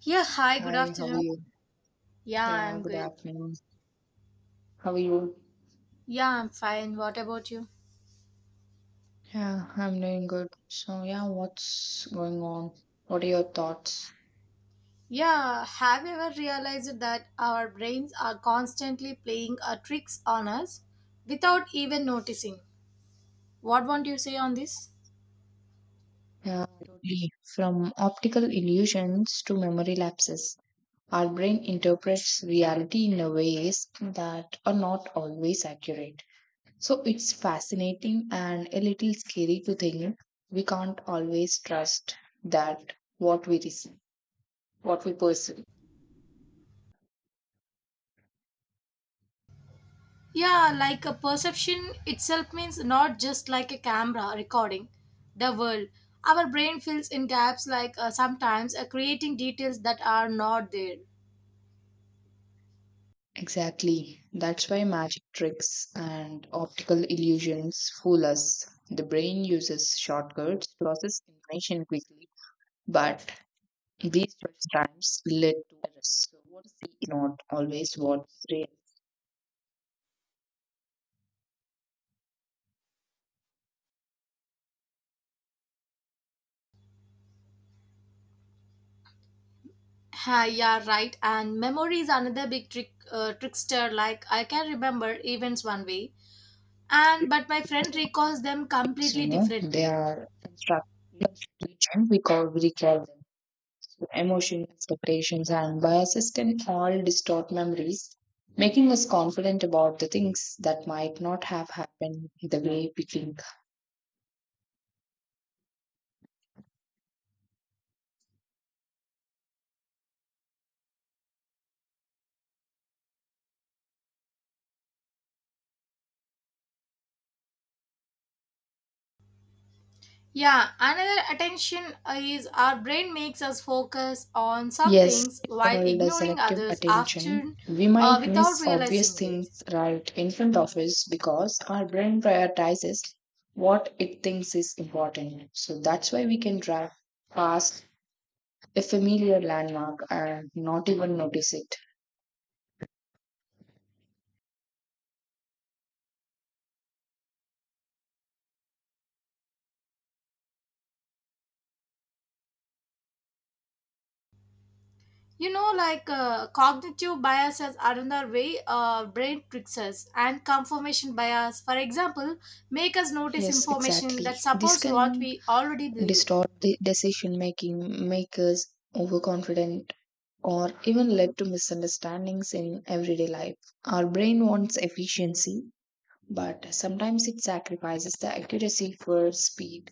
Yeah, hi, good Hi, how are afternoon. you? Yeah, Yeah, I'm good good. afternoon. How are you? Yeah, I'm fine. What about you? Yeah, I'm doing good. So, yeah, what's going on? What are your thoughts? Yeah, have you ever realized that our brains are constantly playing tricks on us without even noticing? What won't you say on this? Yeah, totally. From optical illusions to memory lapses, our brain interprets reality in a ways that are not always accurate. So, it's fascinating and a little scary to think we can't always trust that what we receive, what we perceive. Yeah, like a perception itself means not just like a camera recording the world. Our brain fills in gaps like sometimes creating details that are not there. Exactly. That's why magic tricks and optical illusions fool us. The brain uses shortcuts to process information quickly, but these shortcuts lead to errors. So what is the is not always what's real. Ha, yeah, right. And memory is another big trick, trickster. Like I can remember events one way, Actually, and but my humans friend are not recalls aesthetic them beings, you completely know. different. They are construction, we call them. Emotions, expectations, and biases can all distort memories, making us confident about the things that might not have happened the way we think. Yeah, another attention is our brain makes us focus on some Yes, things it's while called a ignoring selective others attention. often We might without miss obvious realizing it. things right in front of us because our brain prioritizes what it thinks is important. So that's why we can drive past a familiar landmark and not even notice it. Cognitive biases are another way brain tricks us, and confirmation bias, for example, make us notice Yes, information exactly. that This supports what can we already believe. distort the decision making, make us overconfident, or even led to misunderstandings in everyday life. Our brain wants efficiency, but sometimes it sacrifices the accuracy for speed.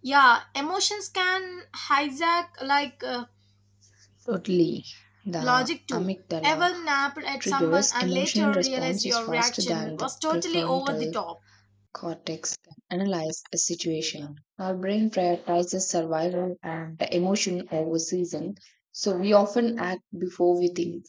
Yeah, emotions can hijack Totally. The logic too. amygdala Ever napped at someone triggers and emotional later realized responses your faster reaction than the was totally over the prefrontal top. cortex can analyze a situation. Our brain prioritizes survival and emotion over reason, so we often act before we think.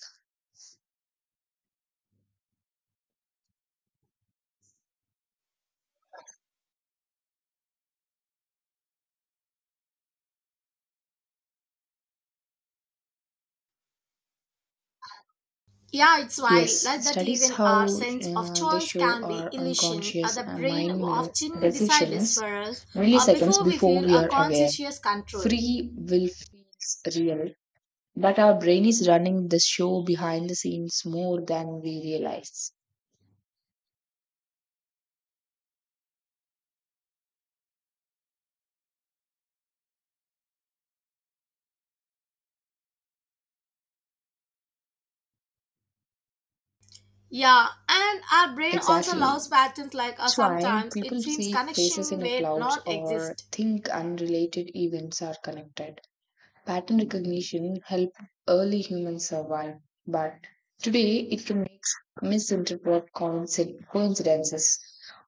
Yeah, it's wild. Like Yes, that, studies even our how sense of they choice show can be our illusion. Unconscious The and brain mind makes often decides decisions for us milliseconds before we before feel we a are aware. conscious control. Free will feels real, but our brain is running the show behind the scenes more than we realize. Yeah, and our brain also Exactly. loves patterns It's why sometimes it people seems see faces connection in a where clouds non or exist. think unrelated events are connected. Pattern recognition helped early humans survive, but today it can make misinterpret coincidences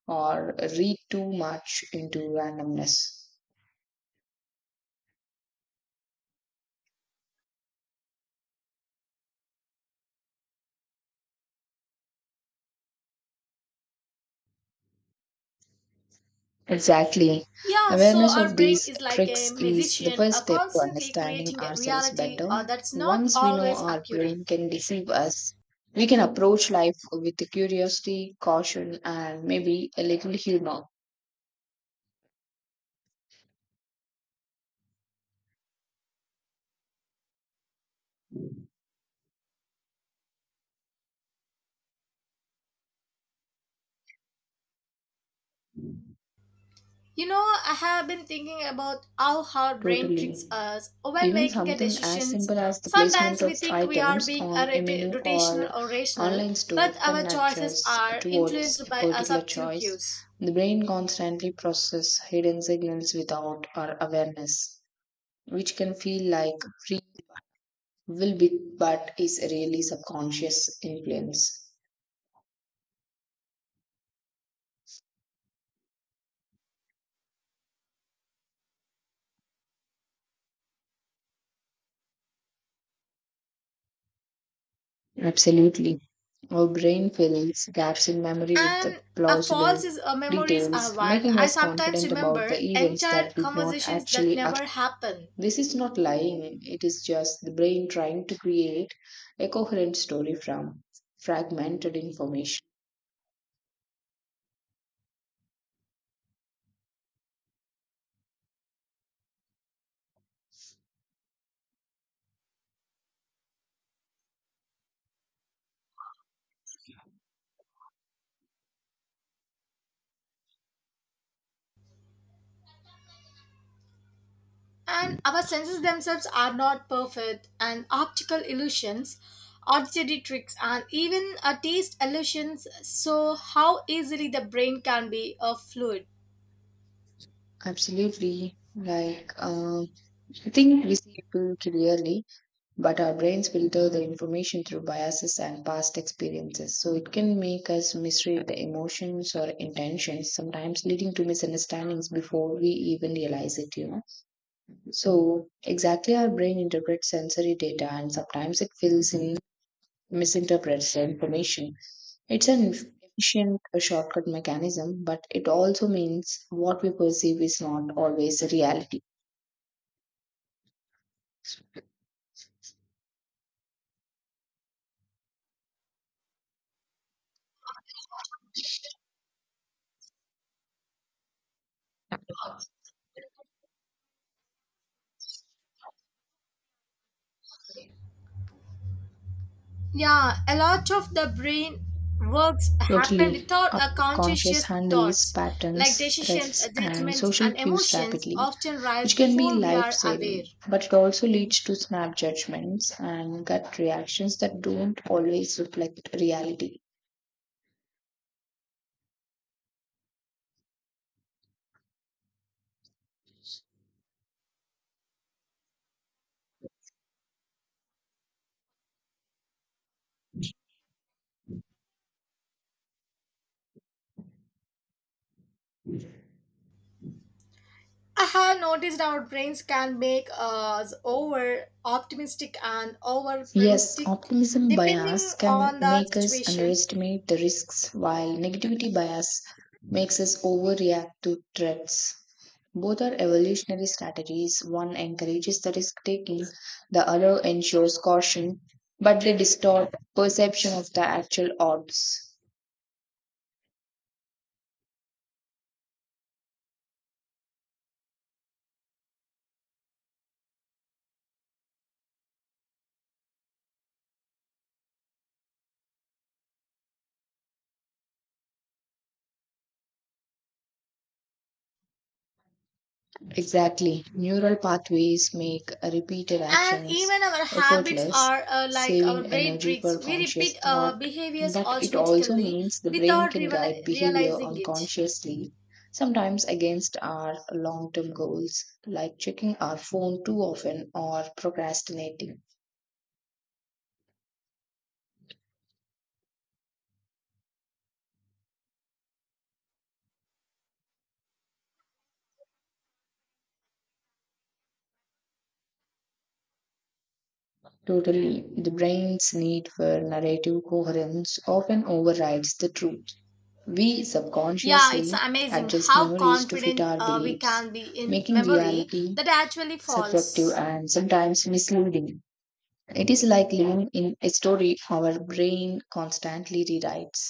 or read too much into randomness. Exactly. Yeah, so Awareness our of brain these is like a tricks is the musician, first step to constantly understanding creating a ourselves reality better. That's not Once we know always our brain accurate. can deceive us, we can approach life with curiosity, caution, and maybe a little humor. You know, I have been thinking about how our brain tricks Totally. us when Even making a something as decisions. simple as the Sometimes placement of we think we are items being a on a menu or rotational or rational, online store but can our nudge choices us are towards influenced a by a particular subtle choice. cues. The brain constantly processes hidden signals without our awareness, which can feel like free will be but is really subconscious influence. Absolutely. Our brain fills gaps in memory with the And a false plausible is memories are details, wild. making I us sometimes confident about remember the events entire that did not conversations that actually never occur. happened. This is not lying, it is just the brain trying to create a coherent story from fragmented information. And our senses themselves are not perfect, and optical illusions, auditory tricks, and even a taste illusions. So, how easily the brain can be a fluid. Absolutely. Like, I think we see people clearly, but our brains filter the information through biases and past experiences. So it can make us misread the emotions or intentions, sometimes leading to misunderstandings before we even realize it. So exactly our brain interprets sensory data and sometimes it fills in misinterprets the information. It's an efficient shortcut mechanism, but it also means what we perceive is not always the reality. Yeah, a lot of the brain works happen Totally, without our a conscious conscious handles thoughts, like patterns, decisions, threats, and judgments, social and cues emotions rapidly, often which rise can be before we life are aware. saving, but it also leads to snap judgments and gut reactions that don't always reflect reality. I have noticed our brains can make us over optimistic and over Yes, pessimistic optimism bias depending can on the make us situation. underestimate the risks, while negativity bias makes us overreact to threats. Both are evolutionary strategies. One encourages the risk taking, the other ensures caution, but they distort perception of the actual odds. Exactly. Neural pathways make repeated And actions even our habits effortless, are like our saving brain energy tricks. for We conscious repeat thought. behaviors But it also automatically means the brain without can guide behavior realizing it. unconsciously, sometimes against our long term goals, like checking our phone too often or procrastinating. Totally. The brain's need for narrative coherence often overrides the truth. We Yeah, it's subconsciously amazing adjust how memories to fit confident our we beliefs, can be in making memory reality that actually subjective falls. and sometimes misleading. It is like living in a story our brain constantly rewrites.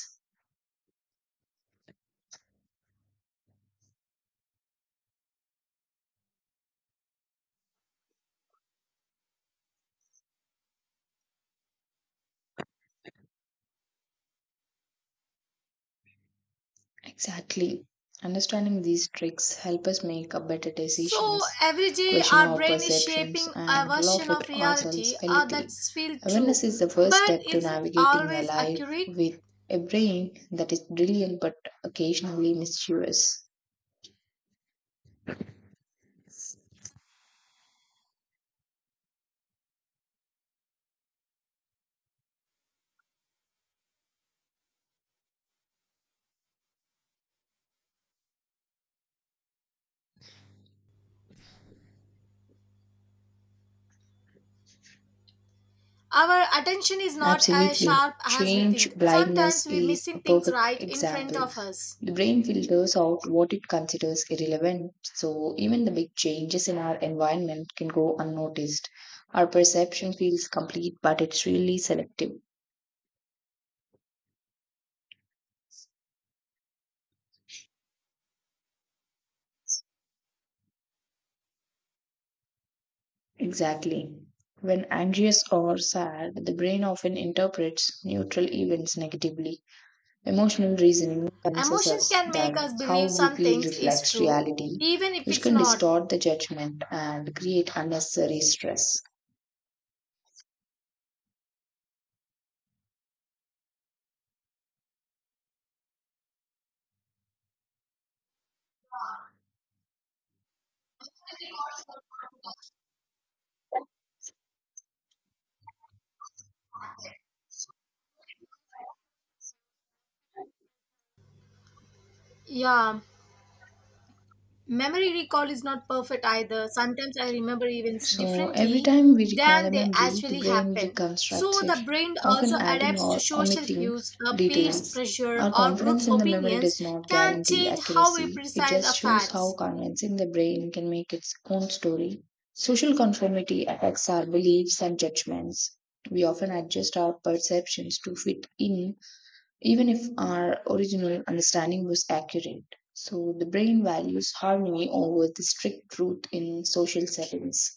Exactly. Understanding these tricks help us make a better So decisions, every day question our our brain is perceptions, shaping a and laugh version of at ourselves reality a little. that feels true, Awareness is the first but step to isn't navigating the always life accurate. with a brain that is brilliant but occasionally mischievous. Our attention is not as Absolutely. sharp as we Change think. blindness Sometimes we're is a missing things perfect right in front example. of us. The brain filters out what it considers irrelevant, so even the big changes in our environment can go unnoticed. Our perception feels complete, but it's really selective. Exactly. When anxious or sad, the brain often interprets neutral events negatively. Emotional reasoning convinces Emotions us can that make us how believe we some feel things is reflects true, reality, even if which it's can not. distort the judgment and create unnecessary stress. Yeah. Memory recall is not perfect either. Sometimes I remember events So every differently time we recall a than they memory, the actually brain happen. So reconstructs it, the brain also often adding adapts to or social omitting cues, a peers' details. pressure, Our or confidence groups' in the memory opinions does not can guarantee change how we accuracy, it precise just our shows how facts. convincing the brain can make its own story. Social conformity affects our beliefs and judgments. We often adjust our perceptions to fit in, even if our original understanding was accurate. So, the brain values harmony over the strict truth in social settings.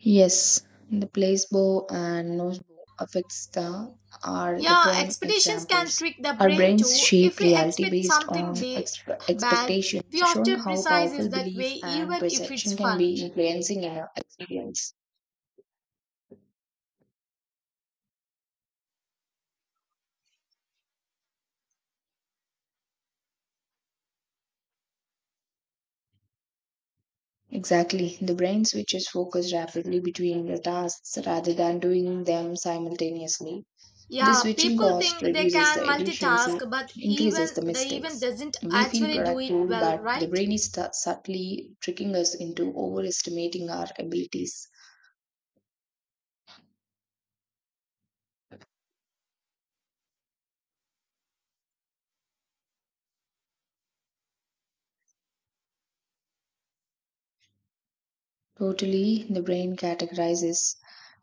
Yes, the placebo and nocebo effects the, are the Yeah, prime expectations can examples. trick the Our brain brains too. If shape we reality expect based on something bad, expectations, we showing often how precise it powerful that belief way and even if it's perception can fun. be influencing our experience. Exactly, the brain switches focus rapidly between the tasks rather than doing them simultaneously. This Yeah, switching people cost think they reduces can the efficiency and multitask, but increases even the they even mistakes. doesn't We feel actually do it productive, well, but the right? brain is subtly tricking us into overestimating our abilities. Totally, the brain categorizes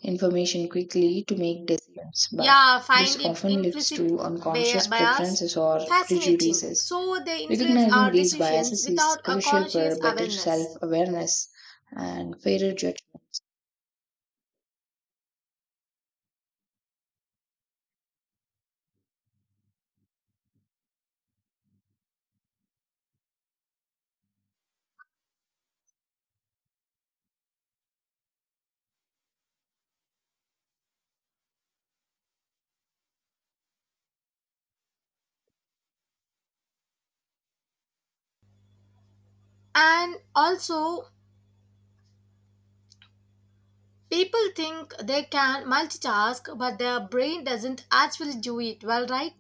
information quickly to make decisions, but Yeah, this find often leads implicit to unconscious bias preferences or fascinating. prejudices. So they influence Recognizing our these decisions biases is without a crucial for conscious better self awareness. awareness and fairer judgment. And also, people think they can multitask, but their brain doesn't actually do it well, right?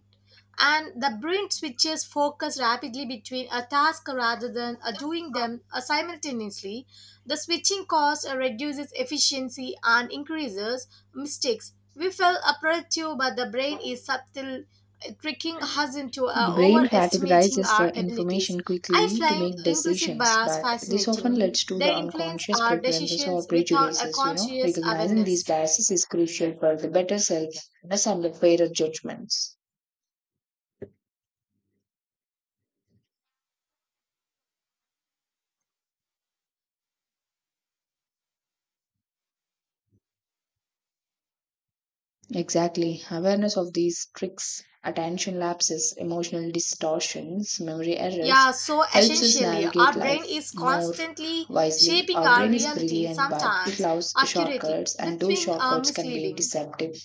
And the brain switches focus rapidly between a task rather than doing them simultaneously. The switching cost reduces efficiency and increases mistakes. We feel productive, but the brain is subtle, tricking us into Brain overestimating categorizes the our abilities. information I quickly to find make implicit decisions, bias but this often fascinating. leads to They the influence unconscious our preferences or decisions without a prejudices. conscious Recognizing these awareness. biases is crucial for the better self-awareness and the fairer judgments. Exactly. Awareness of these tricks, attention lapses, emotional distortions, memory errors Yeah, so helps us essentially, navigate our life brain is more constantly wisely. shaping Our our brain is reality, brilliant, but it sometimes loves accurately, shortcuts, and those between shortcuts can be misleading. deceptive.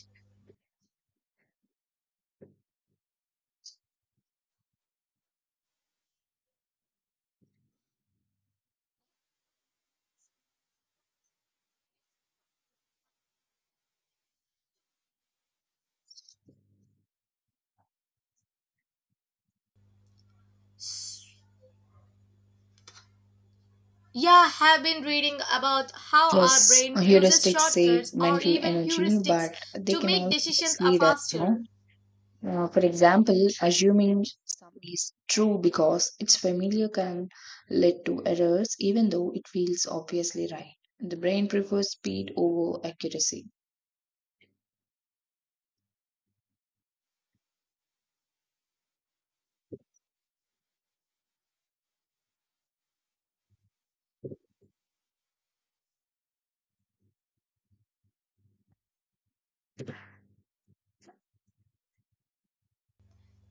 Yeah, have been reading about how our Yes, brain uses heuristics save shortcuts or mental even energy, heuristics but they to can make also decisions are mislead us. faster. For example, assuming something is true because it's familiar can lead to errors, even though it feels obviously right. The brain prefers speed over accuracy.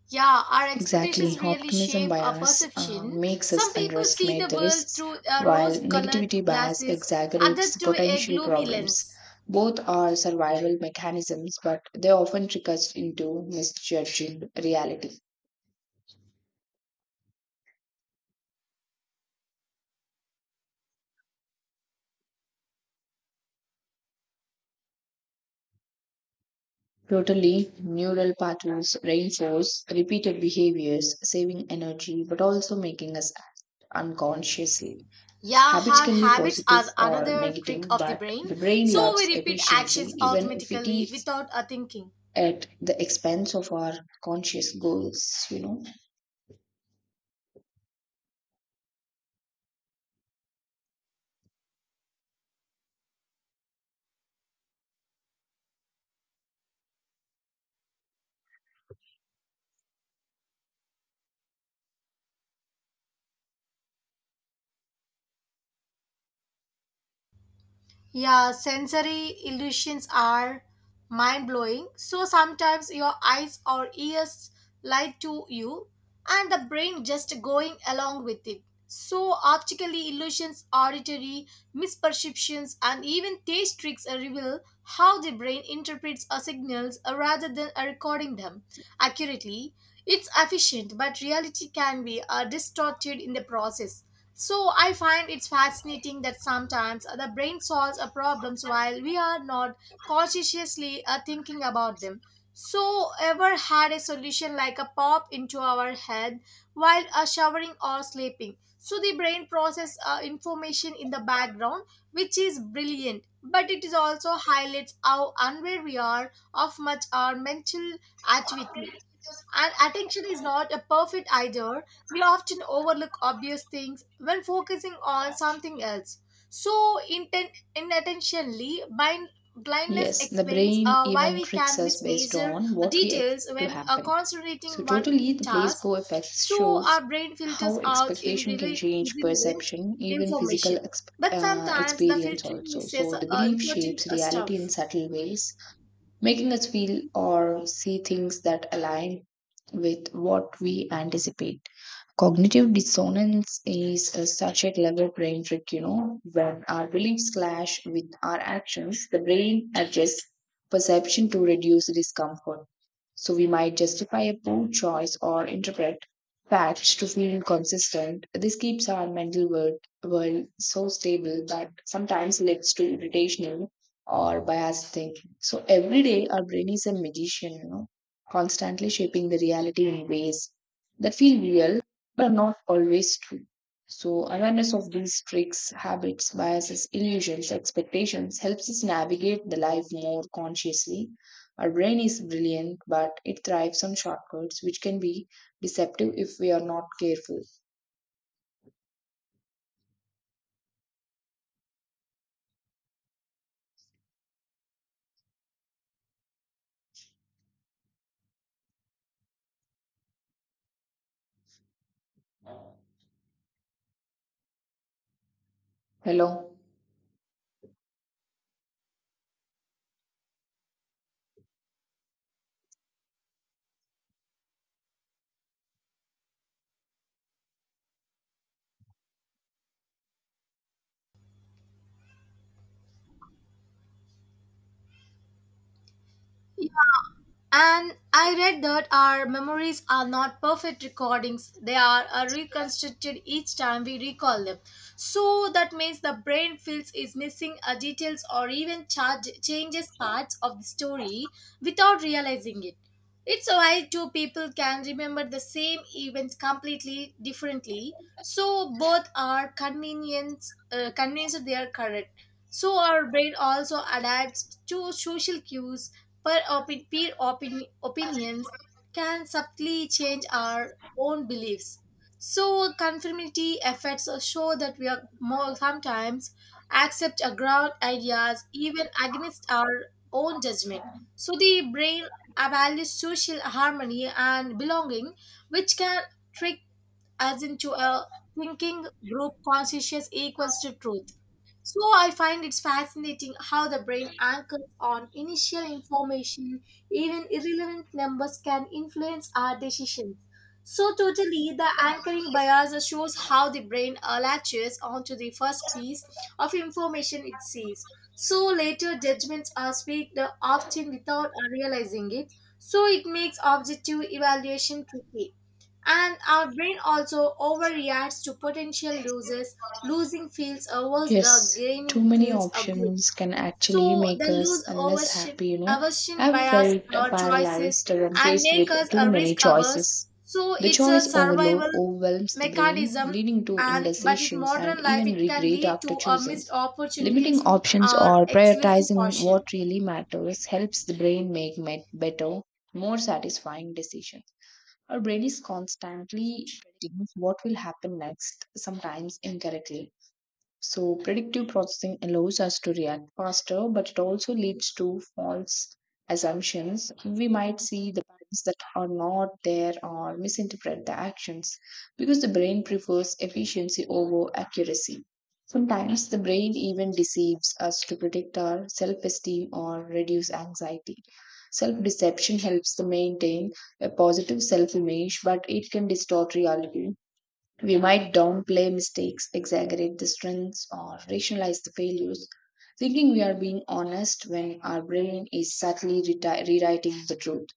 Yeah, our expectations Exactly. really Optimism shape our bias perception. makes Some us people see underestimate the the world risks, through while negativity rose-colored bias glasses, exaggerates others the through a potential gloomy problems. lens. Both are survival mechanisms, but they often trick us into misjudging reality. Totally, neural pathways reinforce repeated behaviors, saving energy but also making us act unconsciously. Yeah, Habits our can be habits positive are or another trick negative, of the but brain. the brain So loves we repeat efficiency actions even if it automatically is without a thinking. at the expense of our conscious goals. Yeah, sensory illusions are mind blowing. So sometimes your eyes or ears lie to you and the brain just going along with it. So optical illusions, auditory misperceptions and even taste tricks reveal how the brain interprets our signals rather than recording them accurately. It's efficient, but reality can be distorted in the process. So I find it's fascinating that sometimes the brain solves our problems while we are not consciously thinking about them. So ever had a solution like a pop into our head while showering or sleeping. So the brain process information in the background, which is brilliant, but it is also highlights how unaware we are of much our mental activity. And attention is not a perfect either. We often overlook obvious things when focusing on something else. So, inattentionally, blindness Yes, the explains brain why even we tricks can us based mismeasure on what we details expect to when happen. So, concentrating one totally, the task. placebo effect So, shows our brain how filters out in expectation can change irrelevant perception, even physical information. But sometimes the experience, filtering also. misses So, the belief important shapes reality in stuff. subtle ways, making us feel or see things that align with what we anticipate. Cognitive dissonance is such a clever brain trick. When our beliefs clash with our actions, the brain adjusts perception to reduce discomfort. So we might justify a poor choice or interpret facts to feel consistent. This keeps our mental world, world so stable that sometimes leads to irritational or biased thinking. So every day our brain is a magician, constantly shaping the reality in ways that feel real but not always true. So, awareness of these tricks, habits, biases, illusions, expectations helps us navigate the life more consciously. Our brain is brilliant, but it thrives on shortcuts, which can be deceptive if we are not careful. Hello. And I read that our memories are not perfect recordings, they are reconstructed each time we recall them. So that means the brain feels is missing details or even changes parts of the story without realizing it. It's why two people can remember the same events completely differently. So both are convinced they are correct. So our brain also adapts to social cues. Peer opinions can subtly change our own beliefs. So, conformity effects show that we are more sometimes accept a ground ideas even against our own judgment. So, the brain values social harmony and belonging, which can trick us into a thinking group consciousness equals to truth. So I find it's fascinating how the brain anchors on initial information, even irrelevant numbers can influence our decisions. So totally, the anchoring bias shows how the brain latches onto the first piece of information it sees. So later judgments are speaked often without realizing it. So it makes objective evaluation tricky. And our brain also overreacts to potential losses. Losing feels a worse, the Yes, too gaining many feels a good. options can actually So the make us less happy. aversion I've bias felt our choices paralyzed when and faced make with us too a many risk averse. choices. So The it's a choice overload survival overwhelms the brain, mechanism leading to and but in indecision modern and life even it can regret lead after to a choosing. missed Limiting opportunities options or or excessive prioritizing what caution. really matters helps the brain make better, more satisfying decisions. Our brain is constantly predicting what will happen next, sometimes incorrectly. So, predictive processing allows us to react faster, but it also leads to false assumptions. We might see the patterns that are not there or misinterpret the actions because the brain prefers efficiency over accuracy. Sometimes the brain even deceives us to protect our self esteem or reduce anxiety. Self deception helps to maintain a positive self image, but it can distort reality we might downplay mistakes, exaggerate the strengths, or rationalize the failures, thinking we are being honest when our brain is subtly rewriting the truth.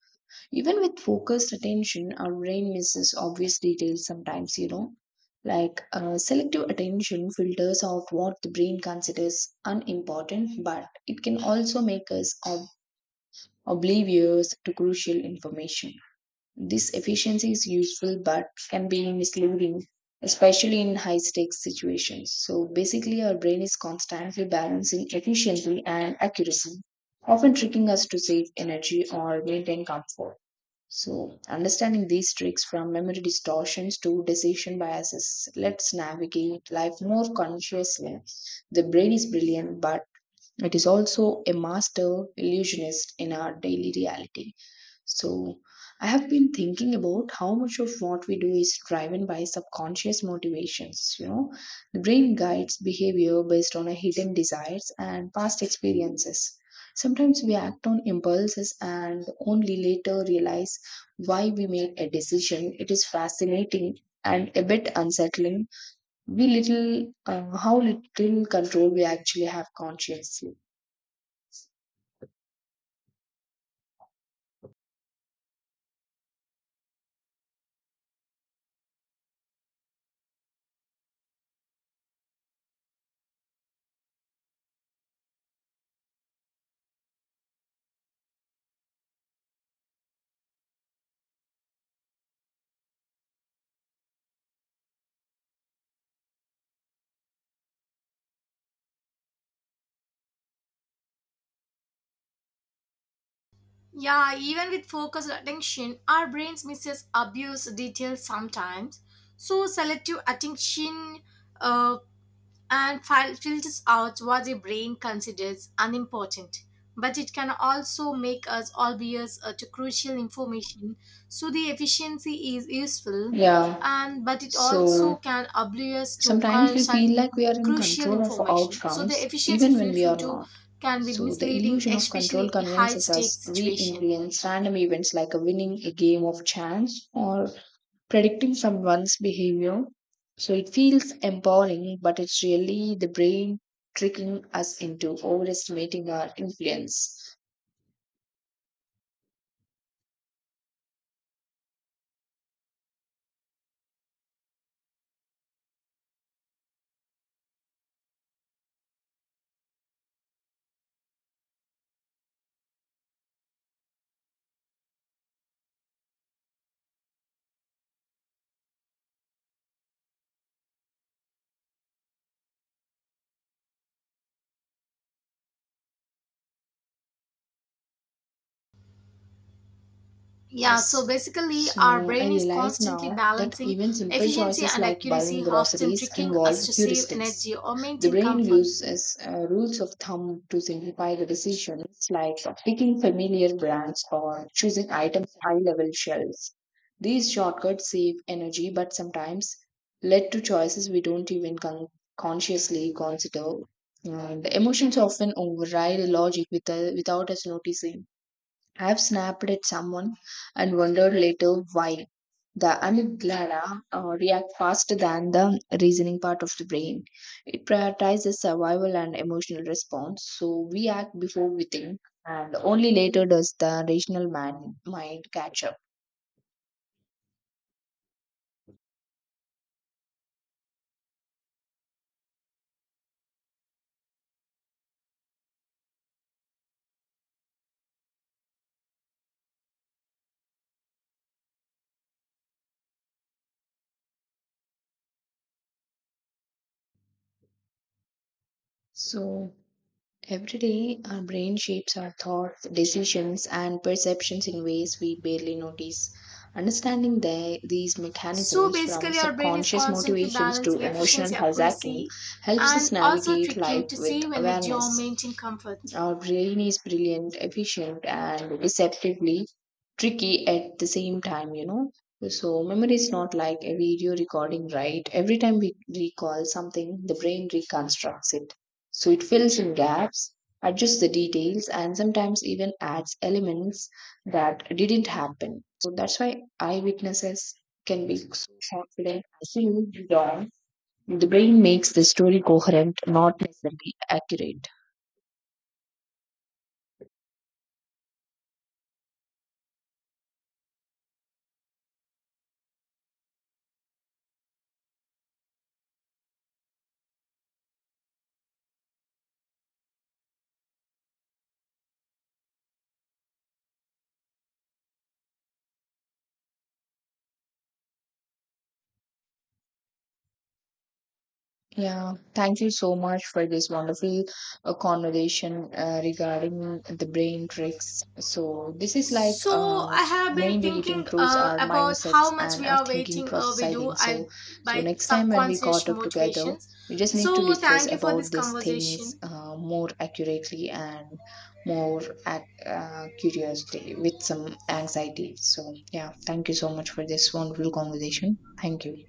Even with focused attention, our brain misses obvious details sometimes. Like selective attention filters out what the brain considers unimportant, but it can also make us oblivious to crucial information. This efficiency is useful but can be misleading, especially in high stakes situations. So basically, our brain is constantly balancing efficiency and accuracy, often tricking us to save energy or maintain comfort. So, understanding these tricks from memory distortions to decision biases lets navigate life more consciously. The brain is brilliant, but it is also a master illusionist in our daily reality. So, I have been thinking about how much of what we do is driven by subconscious motivations. The brain guides behavior based on our hidden desires and past experiences. Sometimes we act on impulses and only later realize why we made a decision. It is fascinating and a bit unsettling. We little, how little control we actually have consciously. Yeah, even with focused attention, our brains misses abuse details sometimes. So selective attention uh, and filters out what the brain considers unimportant. But it can also make us oblivious to crucial information. So the efficiency is useful, Yeah, and but it also so can oblivious to Sometimes we such feel like we are in crucial control of information. So the outcomes efficiency even is when we useful are too not. can be So the misleading, illusion of control especially in high convinces us stakes we situation. influence random events like winning a game of chance or predicting someone's behavior. So it feels empowering, but it's really the brain tricking us into overestimating our influence. Yeah, so Yes. basically, our So I brain is realize constantly now that balancing even simple efficiency choices and like buying accuracy, often groceries tricking involve us to save heuristics. energy or The maintain brain comfort. uses rules of thumb to simplify the decisions, like picking familiar brands or choosing items high level shelves. These shortcuts save energy but sometimes lead to choices we don't even consciously consider. And emotions often override logic without us noticing. I've snapped at someone and wondered later why. The amygdala react faster than the reasoning part of the brain. It prioritizes survival and emotional response, so we act before we think, and only later does the rational man, mind catch up. So Every day, our brain shapes our thoughts, decisions, and perceptions in ways we barely notice. Understanding the, these So mechanisms, from basically, our brain is subconscious constantly motivations to balancing emotional efficiency, hijacking, accuracy, helps us and also navigate tricking life to with save energy or awareness. maintain comfort. Our brain is brilliant, efficient, and deceptively tricky at the same time. So, memory is not like a video recording, right? Every time we recall something, the brain reconstructs it. So, it fills in gaps, adjusts the details, and sometimes even adds elements that didn't happen. So, that's why eyewitnesses can be so confident, absolutely wrong the brain makes the story coherent, not necessarily accurate. Yeah, thank you so much for this wonderful conversation regarding the brain tricks. So, this is like So I have been mainly it thinking improves our about how mindsets much and we our are thinking waiting. Process, We I do think. So, I so by next time when we subconscious caught up together, motivations. we just need to So discuss thank you for this about these things conversation. More accurately and more curiously with some anxiety. So, yeah, thank you so much for this wonderful conversation. Thank you.